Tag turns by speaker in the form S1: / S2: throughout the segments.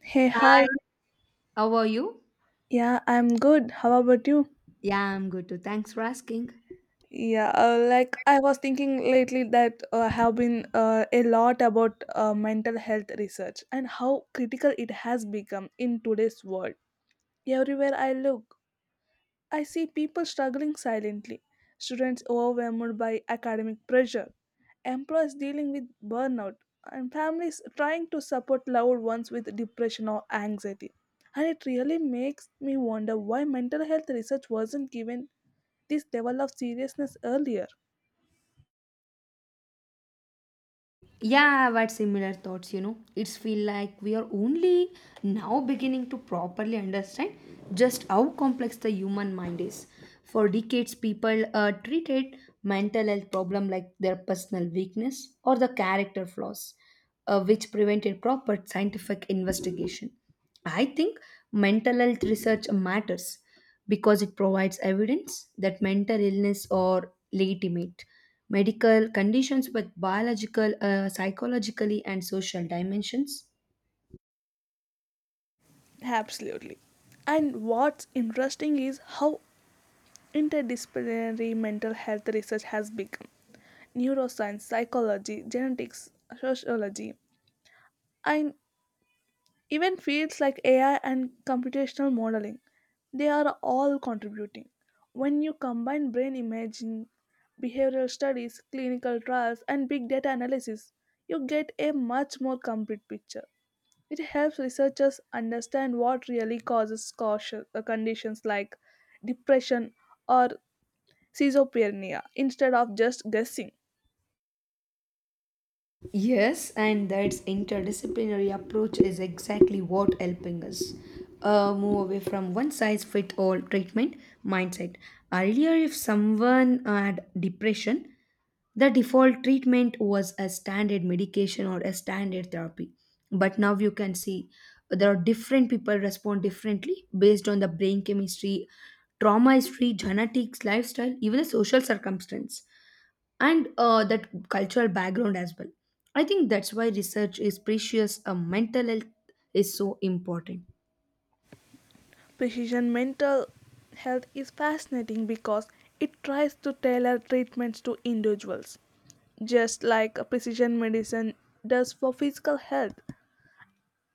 S1: Hey,
S2: Hi,
S1: hi.
S2: how are you?
S1: Yeah, I'm good. How about you?
S2: Yeah, I'm good too. Thanks for asking.
S1: Yeah, like I was thinking lately that have been a lot about mental health research and how critical it has become in today's world. Everywhere I look, I see people struggling silently, students overwhelmed by academic pressure, employees dealing with burnout, and families trying to support loved ones with depression or anxiety. And it really makes me wonder why mental health research wasn't given this level of seriousness earlier.
S2: Yeah, I've had similar thoughts, you know. It's feel like we are only now beginning to properly understand just how complex the human mind is. For decades, people treated mental health problem like their personal weakness or the character flaws, which prevented proper scientific investigation. I think mental health research matters because it provides evidence that mental illness or legitimate medical conditions with biological, psychologically, and social dimensions.
S1: Absolutely. And what's interesting is how interdisciplinary mental health research has become. Neuroscience, psychology, genetics, sociology, and even fields like AI and computational modeling. They are all contributing. When you combine brain imaging, behavioral studies, clinical trials, and big data analysis, you get a much more complete picture. It helps researchers understand what really causes caution, conditions like depression or schizophrenia instead of just guessing.
S2: Yes, and that interdisciplinary approach is exactly what helping us move away from one size fit all treatment mindset. Earlier, if someone had depression, the default treatment was a standard medication or a standard therapy. But now you can see there are different people respond differently based on the brain chemistry, trauma history, genetics, lifestyle, even the social circumstance and that cultural background as well. I think that's why research is precious. Mental health is so important.
S1: Precision mental health is fascinating because it tries to tailor treatments to individuals, just like precision medicine does for physical health.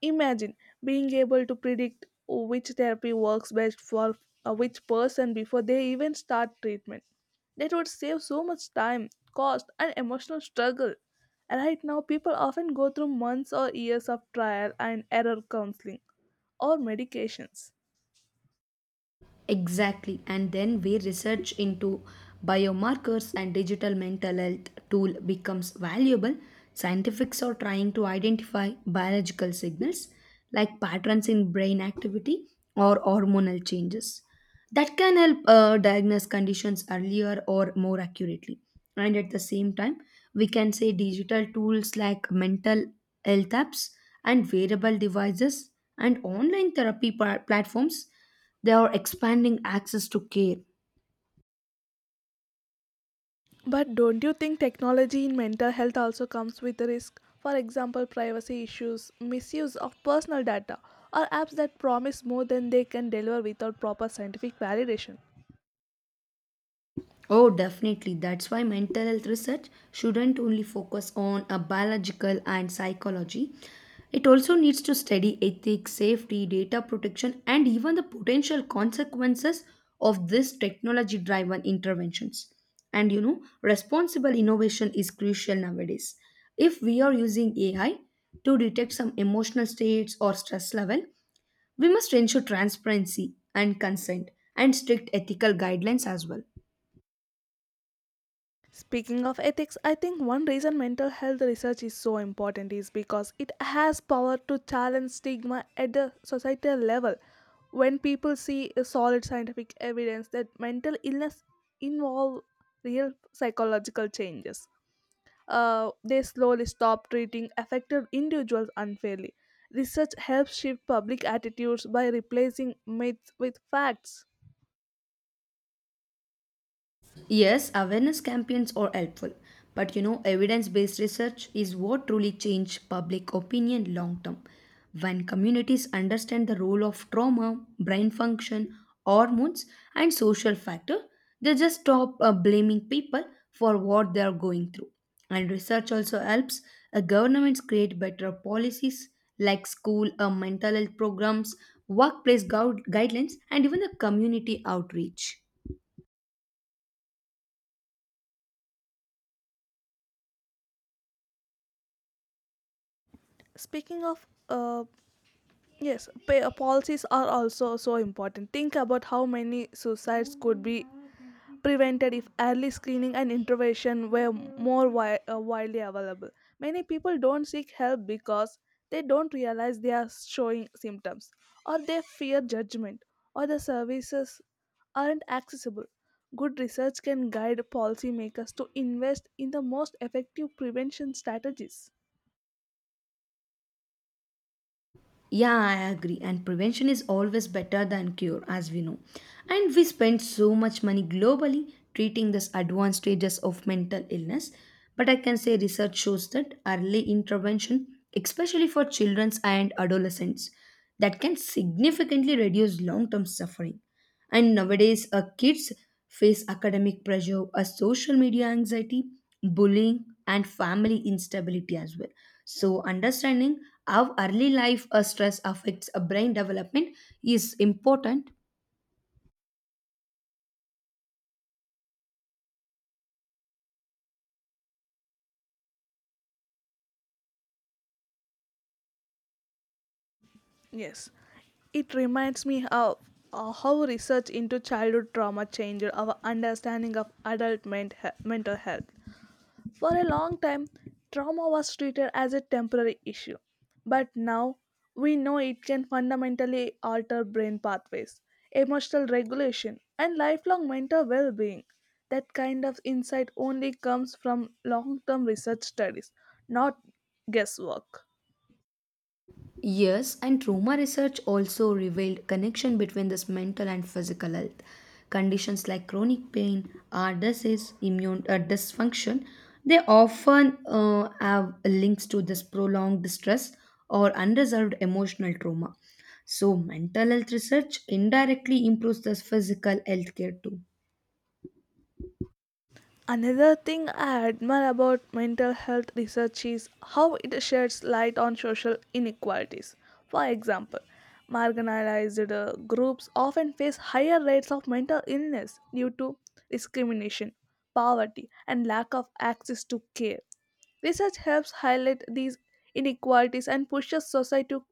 S1: Imagine being able to predict which therapy works best for which person before they even start treatment. That would save so much time, cost, and emotional struggle. Right now, people often go through months or years of trial and error counseling or medications.
S2: Exactly, and then we research into biomarkers and digital mental health tool becomes valuable. Scientists are trying to identify biological signals like patterns in brain activity or hormonal changes that can help diagnose conditions earlier or more accurately. And at the same time, we can say digital tools like mental health apps and wearable devices and online therapy platforms, they are expanding access to care.
S1: But don't you think technology in mental health also comes with a risk? For example, privacy issues, misuse of personal data, or apps that promise more than they can deliver without proper scientific validation.
S2: Oh, definitely. That's why mental health research shouldn't only focus on a biological and psychology. It also needs to study ethics, safety, data protection, and even the potential consequences of these technology driven interventions. And you know, responsible innovation is crucial nowadays. If we are using AI to detect some emotional states or stress level, we must ensure transparency and consent and strict ethical guidelines as well.
S1: Speaking of ethics, I think one reason mental health research is so important is because it has power to challenge stigma at the societal level. When people see a solid scientific evidence that mental illness involve real psychological changes, they slowly stop treating affected individuals unfairly. Research helps shift public attitudes by replacing myths with facts.
S2: Yes, awareness campaigns are helpful, but you know, evidence based research is what truly changes public opinion long term. When communities understand the role of trauma, brain function, hormones, and social factor, they just stop blaming people for what they are going through. And research also helps governments create better policies like school mental health programs, workplace guidelines, and even the community outreach.
S1: Speaking of Yes, policies are also so important. Think about how many suicides could be prevented if early screening and intervention were more widely available. Many people don't seek help because they don't realize they are showing symptoms, or they fear judgment, or the services aren't accessible. Good research can guide policymakers to invest in the most effective prevention strategies.
S2: Yeah, I agree. And prevention is always better than cure, as we know. And we spend so much money globally treating these advanced stages of mental illness. But I can say research shows that early intervention, especially for children and adolescents, that can significantly reduce long term suffering. And nowadays, kids face academic pressure, a social media anxiety, bullying, and family instability as well. So, understanding how early life stress affects a brain development is important.
S1: Yes, it reminds me how research into childhood trauma changed our understanding of adult mental health. For a long time, trauma was treated as a temporary issue, but now we know it can fundamentally alter brain pathways, emotional regulation, and lifelong mental well-being. That kind of insight only comes from long-term research studies, not guesswork.
S2: Yes, and trauma research also revealed connection between this mental and physical health. Conditions like chronic pain, heart disease, immune dysfunction, they often have links to this prolonged distress or unresolved emotional trauma. So mental health research indirectly improves this physical health care too.
S1: Another thing I admire about mental health research is how it sheds light on social inequalities. For example, marginalized groups often face higher rates of mental illness due to discrimination, poverty, and lack of access to care. Research helps highlight these inequalities and pushes society to,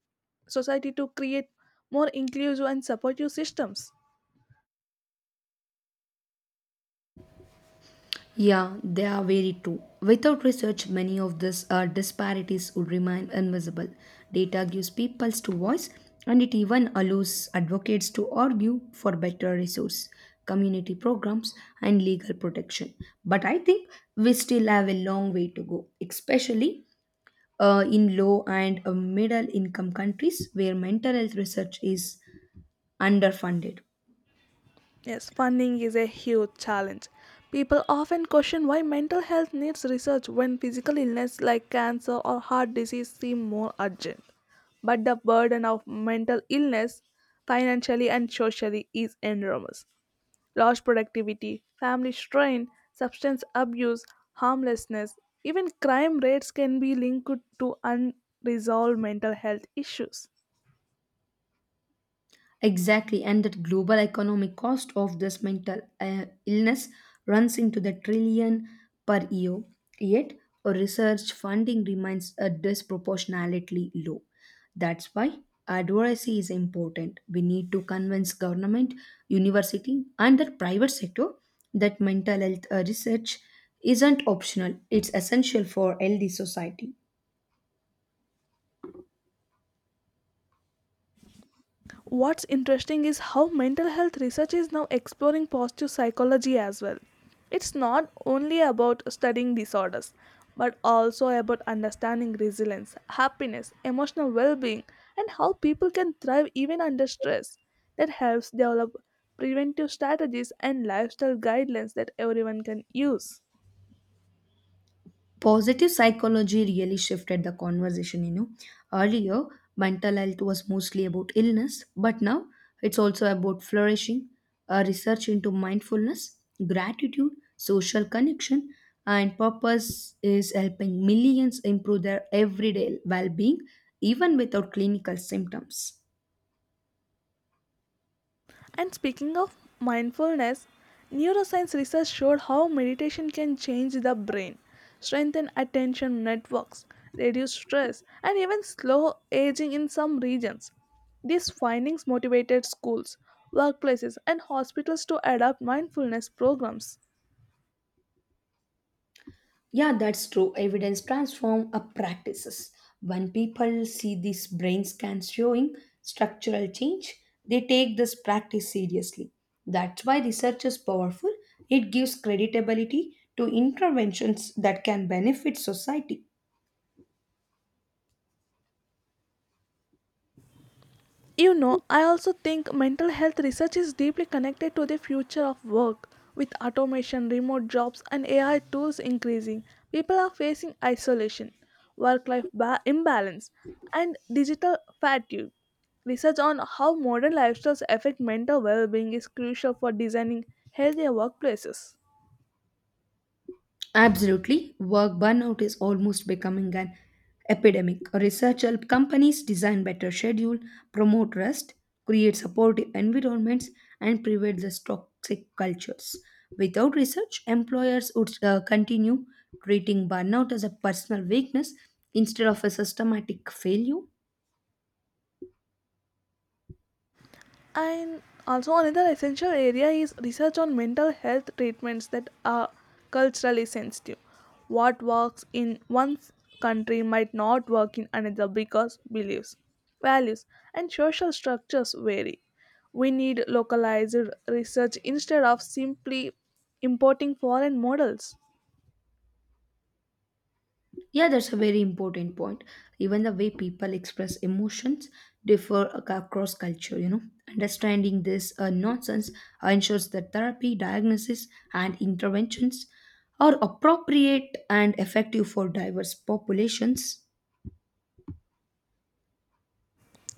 S1: society to create more inclusive and supportive systems.
S2: Yeah, they are very true. Without research, many of these disparities would remain invisible. Data gives peoples to voice, and it even allows advocates to argue for better resource, community programs, and legal protection. But I think we still have a long way to go, especially in low and middle income countries where mental health research is underfunded.
S1: Yes, funding is a huge challenge. People often question why mental health needs research when physical illness like cancer or heart disease seem more urgent. But the burden of mental illness, financially and socially, is enormous. Lost productivity, family strain, substance abuse, harmlessness, even crime rates can be linked to unresolved mental health issues.
S2: Exactly, and that global economic cost of this mental illness runs into the trillion per year. Yet, our research funding remains disproportionately low. That's why advocacy is important. We need to convince government, university, and the private sector that mental health research isn't optional; it's essential for healthy society.
S1: What's interesting is how mental health research is now exploring positive psychology as well. It's not only about studying disorders, but also about understanding resilience, happiness, emotional well being, and how people can thrive even under stress. That helps develop preventive strategies and lifestyle guidelines that everyone can use.
S2: Positive psychology really shifted the conversation, you know. Earlier, mental health was mostly about illness, but now it's also about flourishing. Research into mindfulness, gratitude, social connection, and purpose is helping millions improve their everyday well-being, even without clinical symptoms.
S1: And speaking of mindfulness, neuroscience research showed how meditation can change the brain, strengthen attention networks, reduce stress, and even slow aging in some regions. These findings motivated schools, workplaces, and hospitals to adopt mindfulness programs.
S2: Yeah, that's true. Evidence transform a practices. When people see these brain scans showing structural change, they take this practice seriously. That's why research is powerful. It gives creditability to interventions that can benefit society.
S1: You know, I also think mental health research is deeply connected to the future of work. With automation, remote jobs, and AI tools increasing, people are facing isolation, work life imbalance, and digital fatigue. Research on how modern lifestyles affect mental well being is crucial for designing healthier workplaces.
S2: Absolutely. Work burnout is almost becoming an epidemic. Research help companies design better schedule, promote rest, create supportive environments, and prevent the toxic cultures. Without research, employers would continue treating burnout as a personal weakness instead of a systematic failure.
S1: And also, another essential area is research on mental health treatments that are culturally sensitive. What works in one's country might not work in another because beliefs, values, and social structures vary. We need localized research instead of simply importing foreign models.
S2: Yeah, that's a very important point. Even the way people express emotions across culture, you know. Understanding this nonsense ensures that therapy, diagnosis, and interventions are appropriate and effective for diverse populations.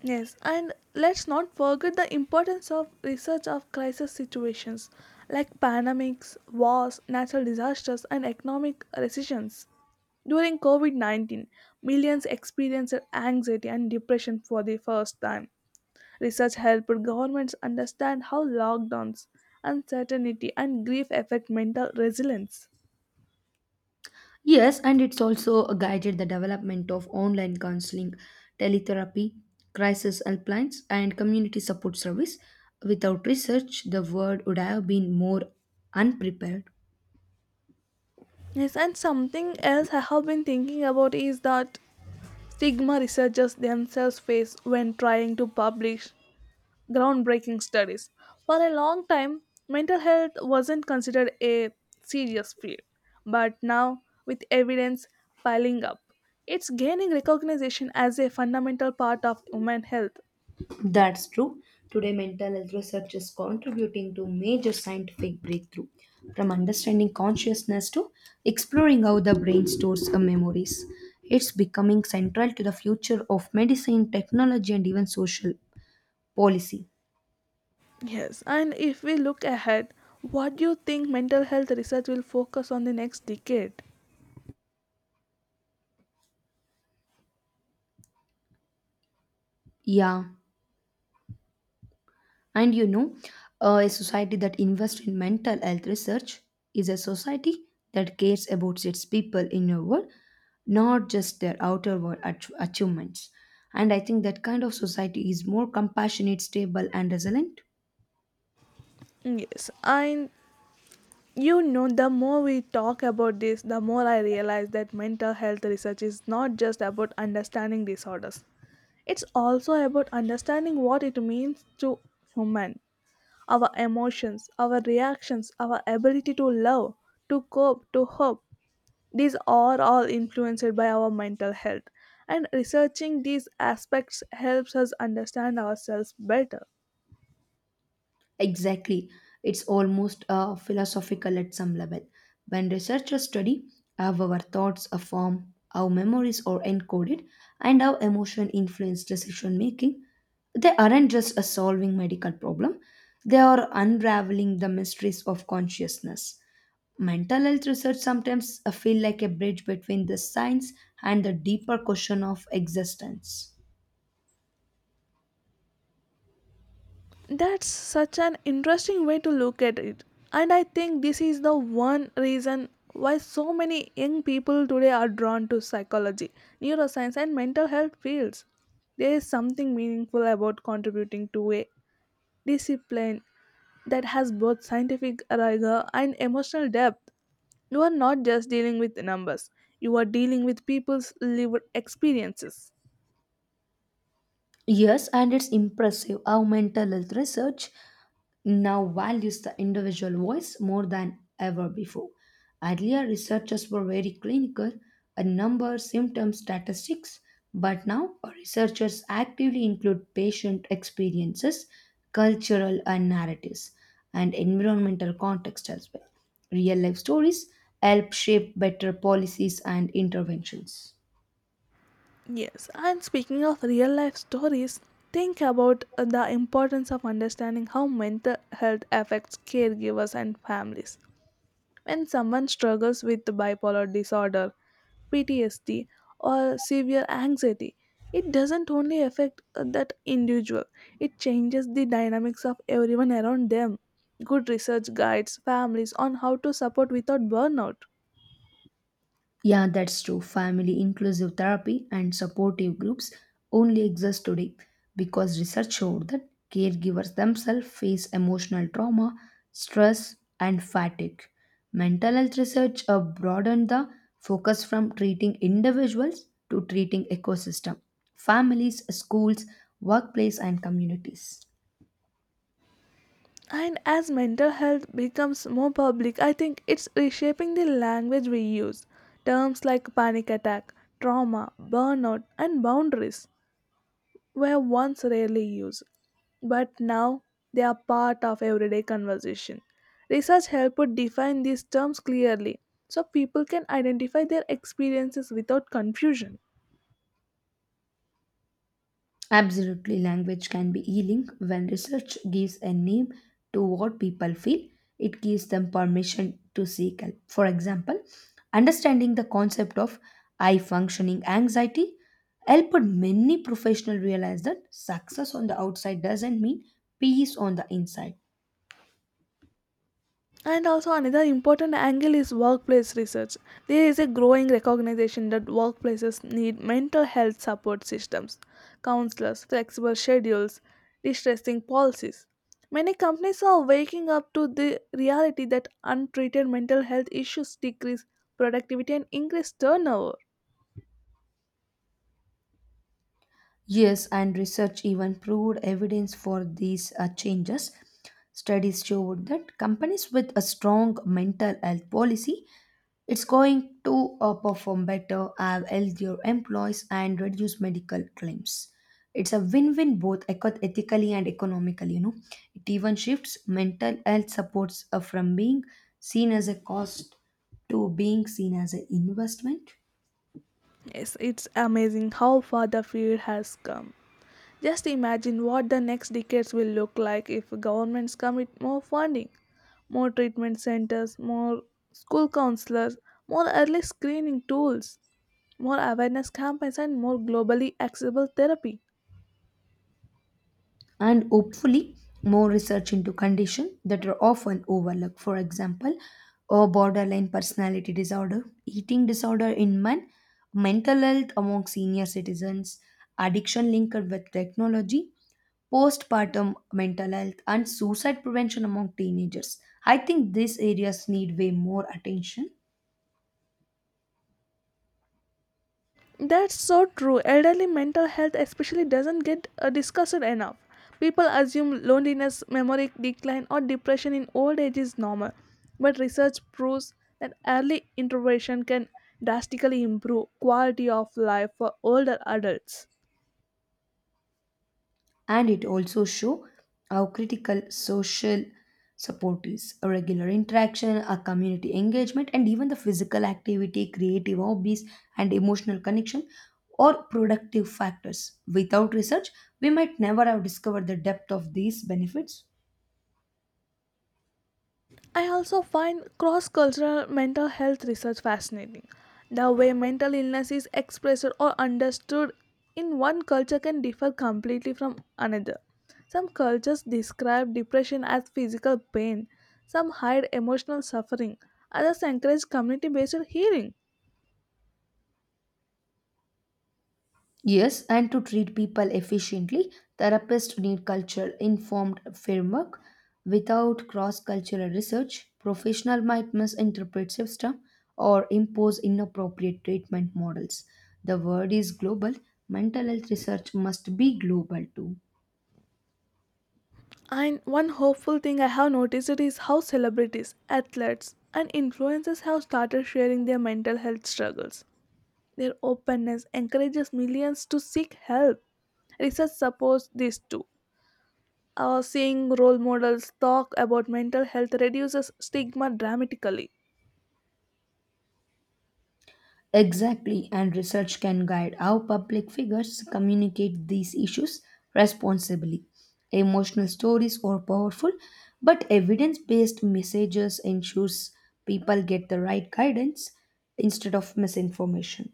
S1: Yes, and let's not forget the importance of research of crisis situations like pandemics, wars, natural disasters, and economic recessions. During COVID 19, millions experienced anxiety and depression for the first time. Research helped governments understand how lockdowns, uncertainty, and grief affect mental resilience.
S2: Yes, and it's also guided the development of online counseling, teletherapy, crisis helplines, and community support service. Without research, the world would have been more unprepared.
S1: Yes, and something else I have been thinking about is that stigma researchers themselves face when trying to publish groundbreaking studies. For a long time, mental health wasn't considered a serious field, but now, with evidence piling up, it's gaining recognition as a fundamental part of human health.
S2: That's true. Today, mental health research is contributing to major scientific breakthrough, from understanding consciousness to exploring how the brain stores memories. It's becoming central to the future of medicine, technology, and even social policy.
S1: Yes, and if we look ahead, what do you think mental health research will focus on the next decade?
S2: Yeah. And you know, a society that invests in mental health research is a society that cares about its people inner world, not just their outer world achievements. And I think that kind of society is more compassionate, stable, and resilient.
S1: Yes, and you know, the more we talk about this, the more I realize that mental health research is not just about understanding disorders. It's also about understanding what it means to human, our emotions, our reactions, our ability to love, to cope, to hope. These are all influenced by our mental health, and researching these aspects helps us understand ourselves better.
S2: Exactly. It's almost philosophical at some level. When researchers study how our thoughts are formed, how memories are encoded, and how emotion influence decision making, they aren't just a solving medical problem, they are unraveling the mysteries of consciousness. Mental health research sometimes feel like a bridge between the science and the deeper question of existence.
S1: That's such an interesting way to look at it. And I think this is the one reason why so many young people today are drawn to psychology, neuroscience, and mental health fields. There is something meaningful about contributing to a discipline that has both scientific rigor and emotional depth. You are not just dealing with numbers, you are dealing with people's lived experiences.
S2: Yes, and it's impressive how mental health research now values the individual voice more than ever before. Earlier, researchers were very clinical, a number, symptom, statistics, but now researchers actively include patient experiences, cultural and narratives, and environmental context as well. Real life stories help shape better policies and interventions.
S1: Yes, and speaking of real life stories, think about the importance of understanding how mental health affects caregivers and families. When someone struggles with bipolar disorder, PTSD, or severe anxiety, it doesn't only affect that individual, it changes the dynamics of everyone around them. Good research guides families on how to support without burnout.
S2: Yeah, that's true. Family inclusive therapy and supportive groups only exist today because research showed that caregivers themselves face emotional trauma, stress, and fatigue. Mental health research broadened the focus from treating individuals to treating ecosystem, families, schools, workplace, and communities.
S1: And as mental health becomes more public, I think it's reshaping the language we use. Terms like panic attack, trauma, burnout, and boundaries were once rarely used, but now they are part of everyday conversation. Research helped define these terms clearly so people can identify their experiences without confusion.
S2: Absolutely, language can be healing. When research gives a name to what people feel, it gives them permission to seek help. For example, understanding the concept of high functioning anxiety helped many professionals realize that success on the outside doesn't mean peace on the inside.
S1: And also, another important angle is workplace research. There is a growing recognition that workplaces need mental health support systems, counselors, flexible schedules, distressing policies. Many companies are waking up to the reality that untreated mental health issues decrease productivity and increase turnover.
S2: Yes, and research even proved evidence for these changes. Studies showed that companies with a strong mental health policy, it's going to perform better, have healthier employees, and reduce medical claims. It's a win win both ethically and economically, you know. It even shifts mental health supports from being seen as a cost to being seen as an investment.
S1: Yes, it's amazing how far the field has come. Just imagine what the next decades will look like if governments commit more funding, more treatment centers, more school counselors, more early screening tools, more awareness campaigns, and more globally accessible therapy.
S2: And hopefully more research into conditions that are often overlooked. For example, a borderline personality disorder, eating disorder in men, mental health among senior citizens, addiction linked with technology, postpartum mental health, and suicide prevention among teenagers. I think these areas need way more attention.
S1: That's so true. Elderly mental health, especially, doesn't get discussed enough. People assume loneliness, memory decline, or depression in old age is normal, but research proves that early intervention can drastically improve quality of life for older adults.
S2: And it also show how critical social support is, a regular interaction, a community engagement, and even the physical activity, creative hobbies, and emotional connection or productive factors. Without research, we might never have discovered the depth of these benefits.
S1: I also find cross cultural mental health research fascinating. The way mental illness is expressed or understood in one culture can differ completely from another. Some cultures describe depression as physical pain, some hide emotional suffering, others encourage community based healing.
S2: Yes, and to treat people efficiently, therapists need culture informed framework. Without cross-cultural research, professional might misinterpret system or impose inappropriate treatment models. The word is global. Mental health research must be global too.
S1: And one hopeful thing I have noticed is how celebrities, athletes, and influencers have started sharing their mental health struggles. Their openness encourages millions to seek help. Research supports this too. Seeing role models talk about mental health reduces stigma dramatically.
S2: Exactly, and research can guide how public figures communicate these issues responsibly. Emotional stories are powerful, but evidence based messages ensures people get the right guidance instead of misinformation.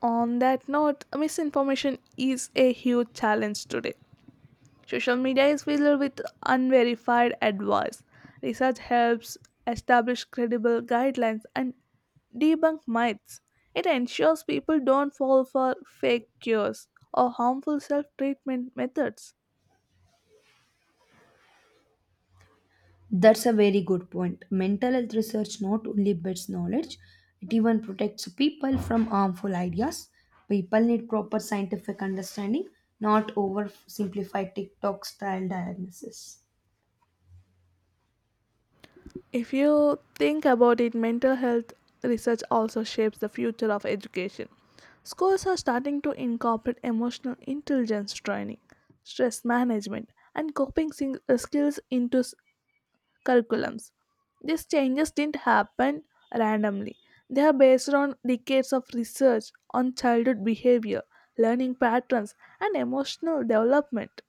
S1: On that note, misinformation is a huge challenge today. Social media is filled with unverified advice. Research helps establish credible guidelines and debunk myths. It ensures people don't fall for fake cures or harmful self treatment methods.
S2: That's a very good point. Mental health research not only builds knowledge, it even protects people from harmful ideas. People need proper scientific understanding, not oversimplified TikTok style diagnosis.
S1: If you think about it, mental health research also shapes the future of education. Schools are starting to incorporate emotional intelligence training, stress management, and coping skills into curriculums. These changes didn't happen randomly. They are based on decades of research on childhood behavior, learning patterns, and emotional development.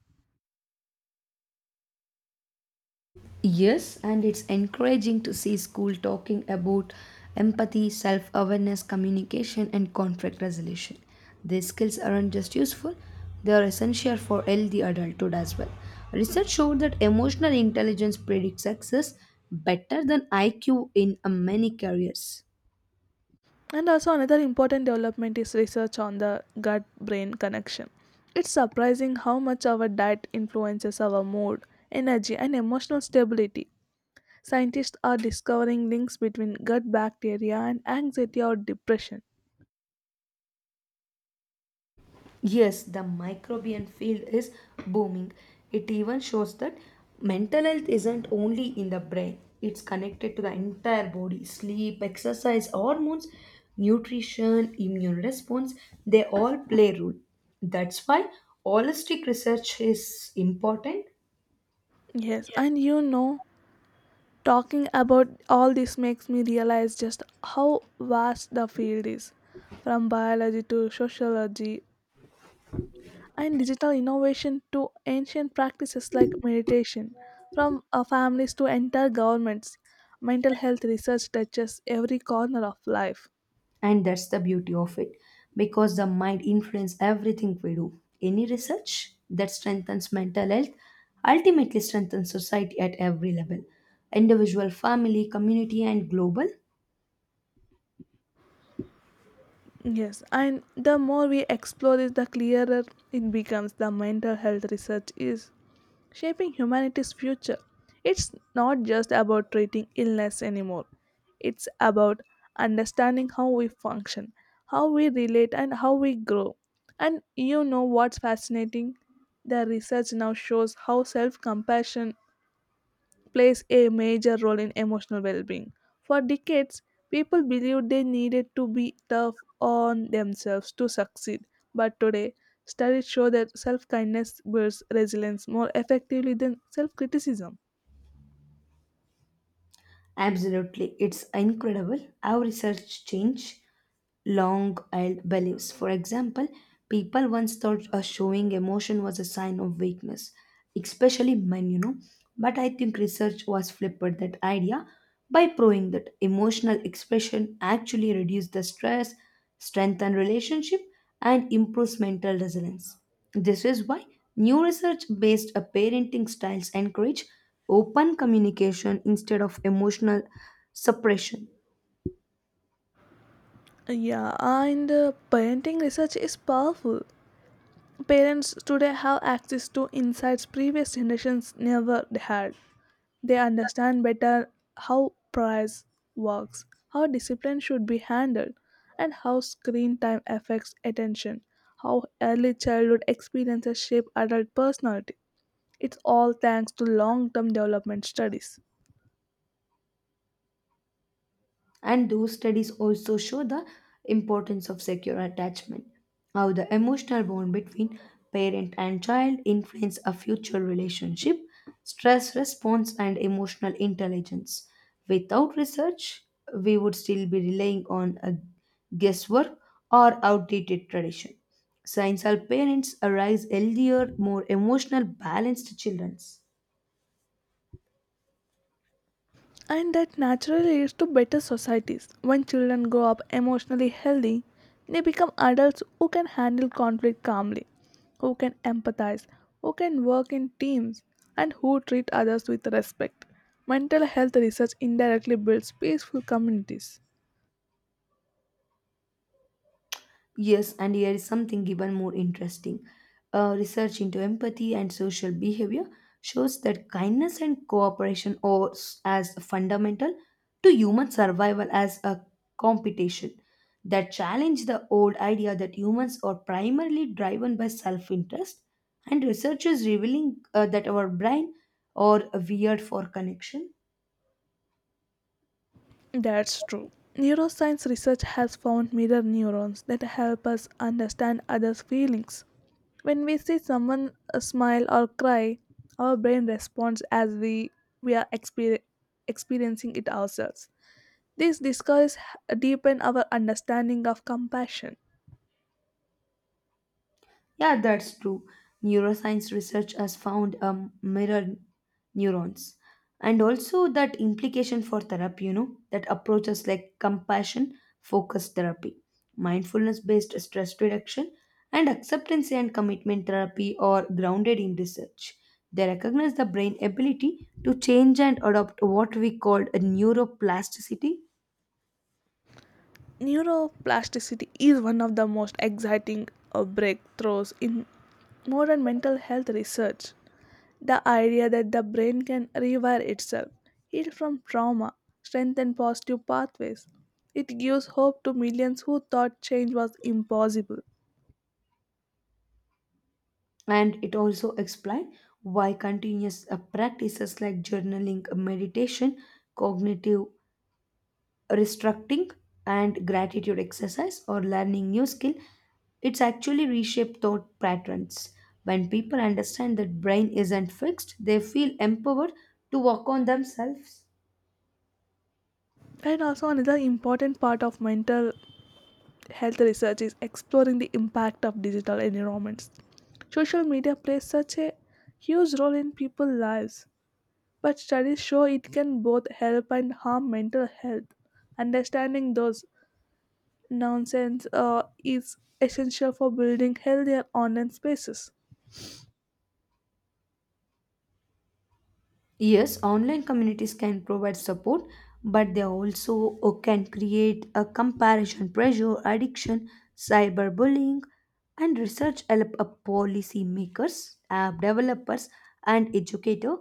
S2: Yes, and it's encouraging to see school talking about empathy, self awareness, communication, and conflict resolution. These skills aren't just useful, they are essential for healthy adulthood as well. Research showed that emotional intelligence predicts success better than IQ in many careers.
S1: And also, another important development is research on the gut brain connection. It's surprising how much our diet influences our mood, energy, and emotional stability. Scientists are discovering links between gut bacteria and anxiety or depression.
S2: Yes, the microbial field is booming. It even shows that mental health isn't only in the brain, it's connected to the entire body. Sleep, exercise, hormones, nutrition, immune response, they all play a role. That's why holistic research is important.
S1: Yes, and you know, talking about all this makes me realize just how vast the field is from biology to sociology, and digital innovation to ancient practices like meditation, from families to entire governments. Mental health research touches every corner of life.
S2: And that's the beauty of it, because the mind influences everything we do. Any research that strengthens mental health ultimately strengthens society at every level: individual, family, community, and global.
S1: Yes, and the more we explore this, the clearer it becomes the mental health research is shaping humanity's future. It's not just about treating illness anymore, it's about understanding how we function, how we relate, and how we grow. And you know what's fascinating? The research now shows how self compassion plays a major role in emotional well being. For decades, people believed they needed to be tough on themselves to succeed, but today, studies show that self kindness builds resilience more effectively than self criticism.
S2: Absolutely. It's incredible how research change long held beliefs. For example, people once thought showing emotion was a sign of weakness, especially men, you know. But I think research was flipped that idea by proving that emotional expression actually reduces the stress, strengthen relationship, and improves mental resilience. This is why new research based parenting styles encourage open communication instead of emotional suppression.
S1: Yeah, and parenting research is powerful. Parents today have access to insights previous generations never had. They understand better how price works, how discipline should be handled, and how screen time affects attention, how early childhood experiences shape adult personality. It's all thanks to long term development studies.
S2: And those studies also show the importance of secure attachment, how the emotional bond between parent and child influence a future relationship, stress response, and emotional intelligence. Without research, we would still be relying on a guesswork or outdated tradition. Science helps parents arise healthier, more emotional, balanced children.
S1: And that naturally leads to better societies. When children grow up emotionally healthy, they become adults who can handle conflict calmly, who can empathize, who can work in teams, and who treat others with respect. Mental health research indirectly builds peaceful communities.
S2: Yes, and here is something even more interesting. Research into empathy and social behavior shows that kindness and cooperation are as fundamental to human survival as a competition. That challenge the old idea that humans are primarily driven by self-interest, and researchers revealing that our brain are weird for connection.
S1: That's true. Neuroscience research has found mirror neurons that help us understand others' feelings. When we see someone smile or cry, our brain responds as we are experiencing it ourselves. These discoveries deepen our understanding of compassion.
S2: Yeah, that's true. Neuroscience research has found mirror neurons, and also that implication for therapy, you know, that approaches like compassion focused therapy, mindfulness based stress reduction, and acceptance and commitment therapy are grounded in research. They recognize the brain ability to change and adopt what we call a neuroplasticity.
S1: Neuroplasticity is one of the most exciting breakthroughs in modern mental health research. The idea that the brain can rewire itself, heal from trauma, strengthen positive pathways. It gives hope to millions who thought change was impossible.
S2: And it also explains why continuous practices like journaling, meditation, cognitive restructuring, and gratitude exercise or learning new skill, it's actually reshape thought patterns. When people understand that brain isn't fixed, they feel empowered to work on themselves.
S1: And also, another important part of mental health research is exploring the impact of digital environments. Social media plays such a huge role in people's lives, but studies show it can both help and harm mental health. Understanding those nonsense is essential for building healthier online spaces.
S2: Yes, online communities can provide support, but they also can create a comparison pressure, addiction, cyberbullying, and research help a policy makers, app developers, and educator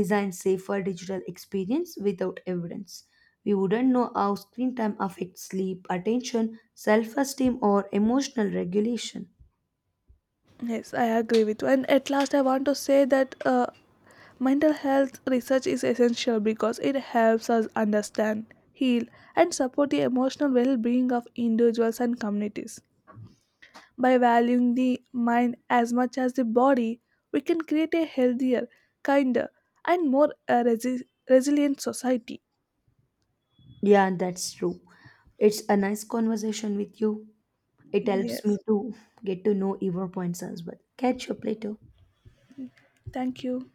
S2: design safer digital experience without evidence. We wouldn't know how screen time affects sleep, attention, self-esteem, or emotional regulation.
S1: Yes, I agree with you. And at last, I want to say that mental health research is essential because it helps us understand, heal, and support the emotional well being of individuals and communities. By valuing the mind as much as the body, we can create a healthier, kinder, and more resilient society.
S2: Yeah, that's true. It's a nice conversation with you. It helps me
S1: Yes.
S2: to get to know your points as well. Catch up later.
S1: Thank you.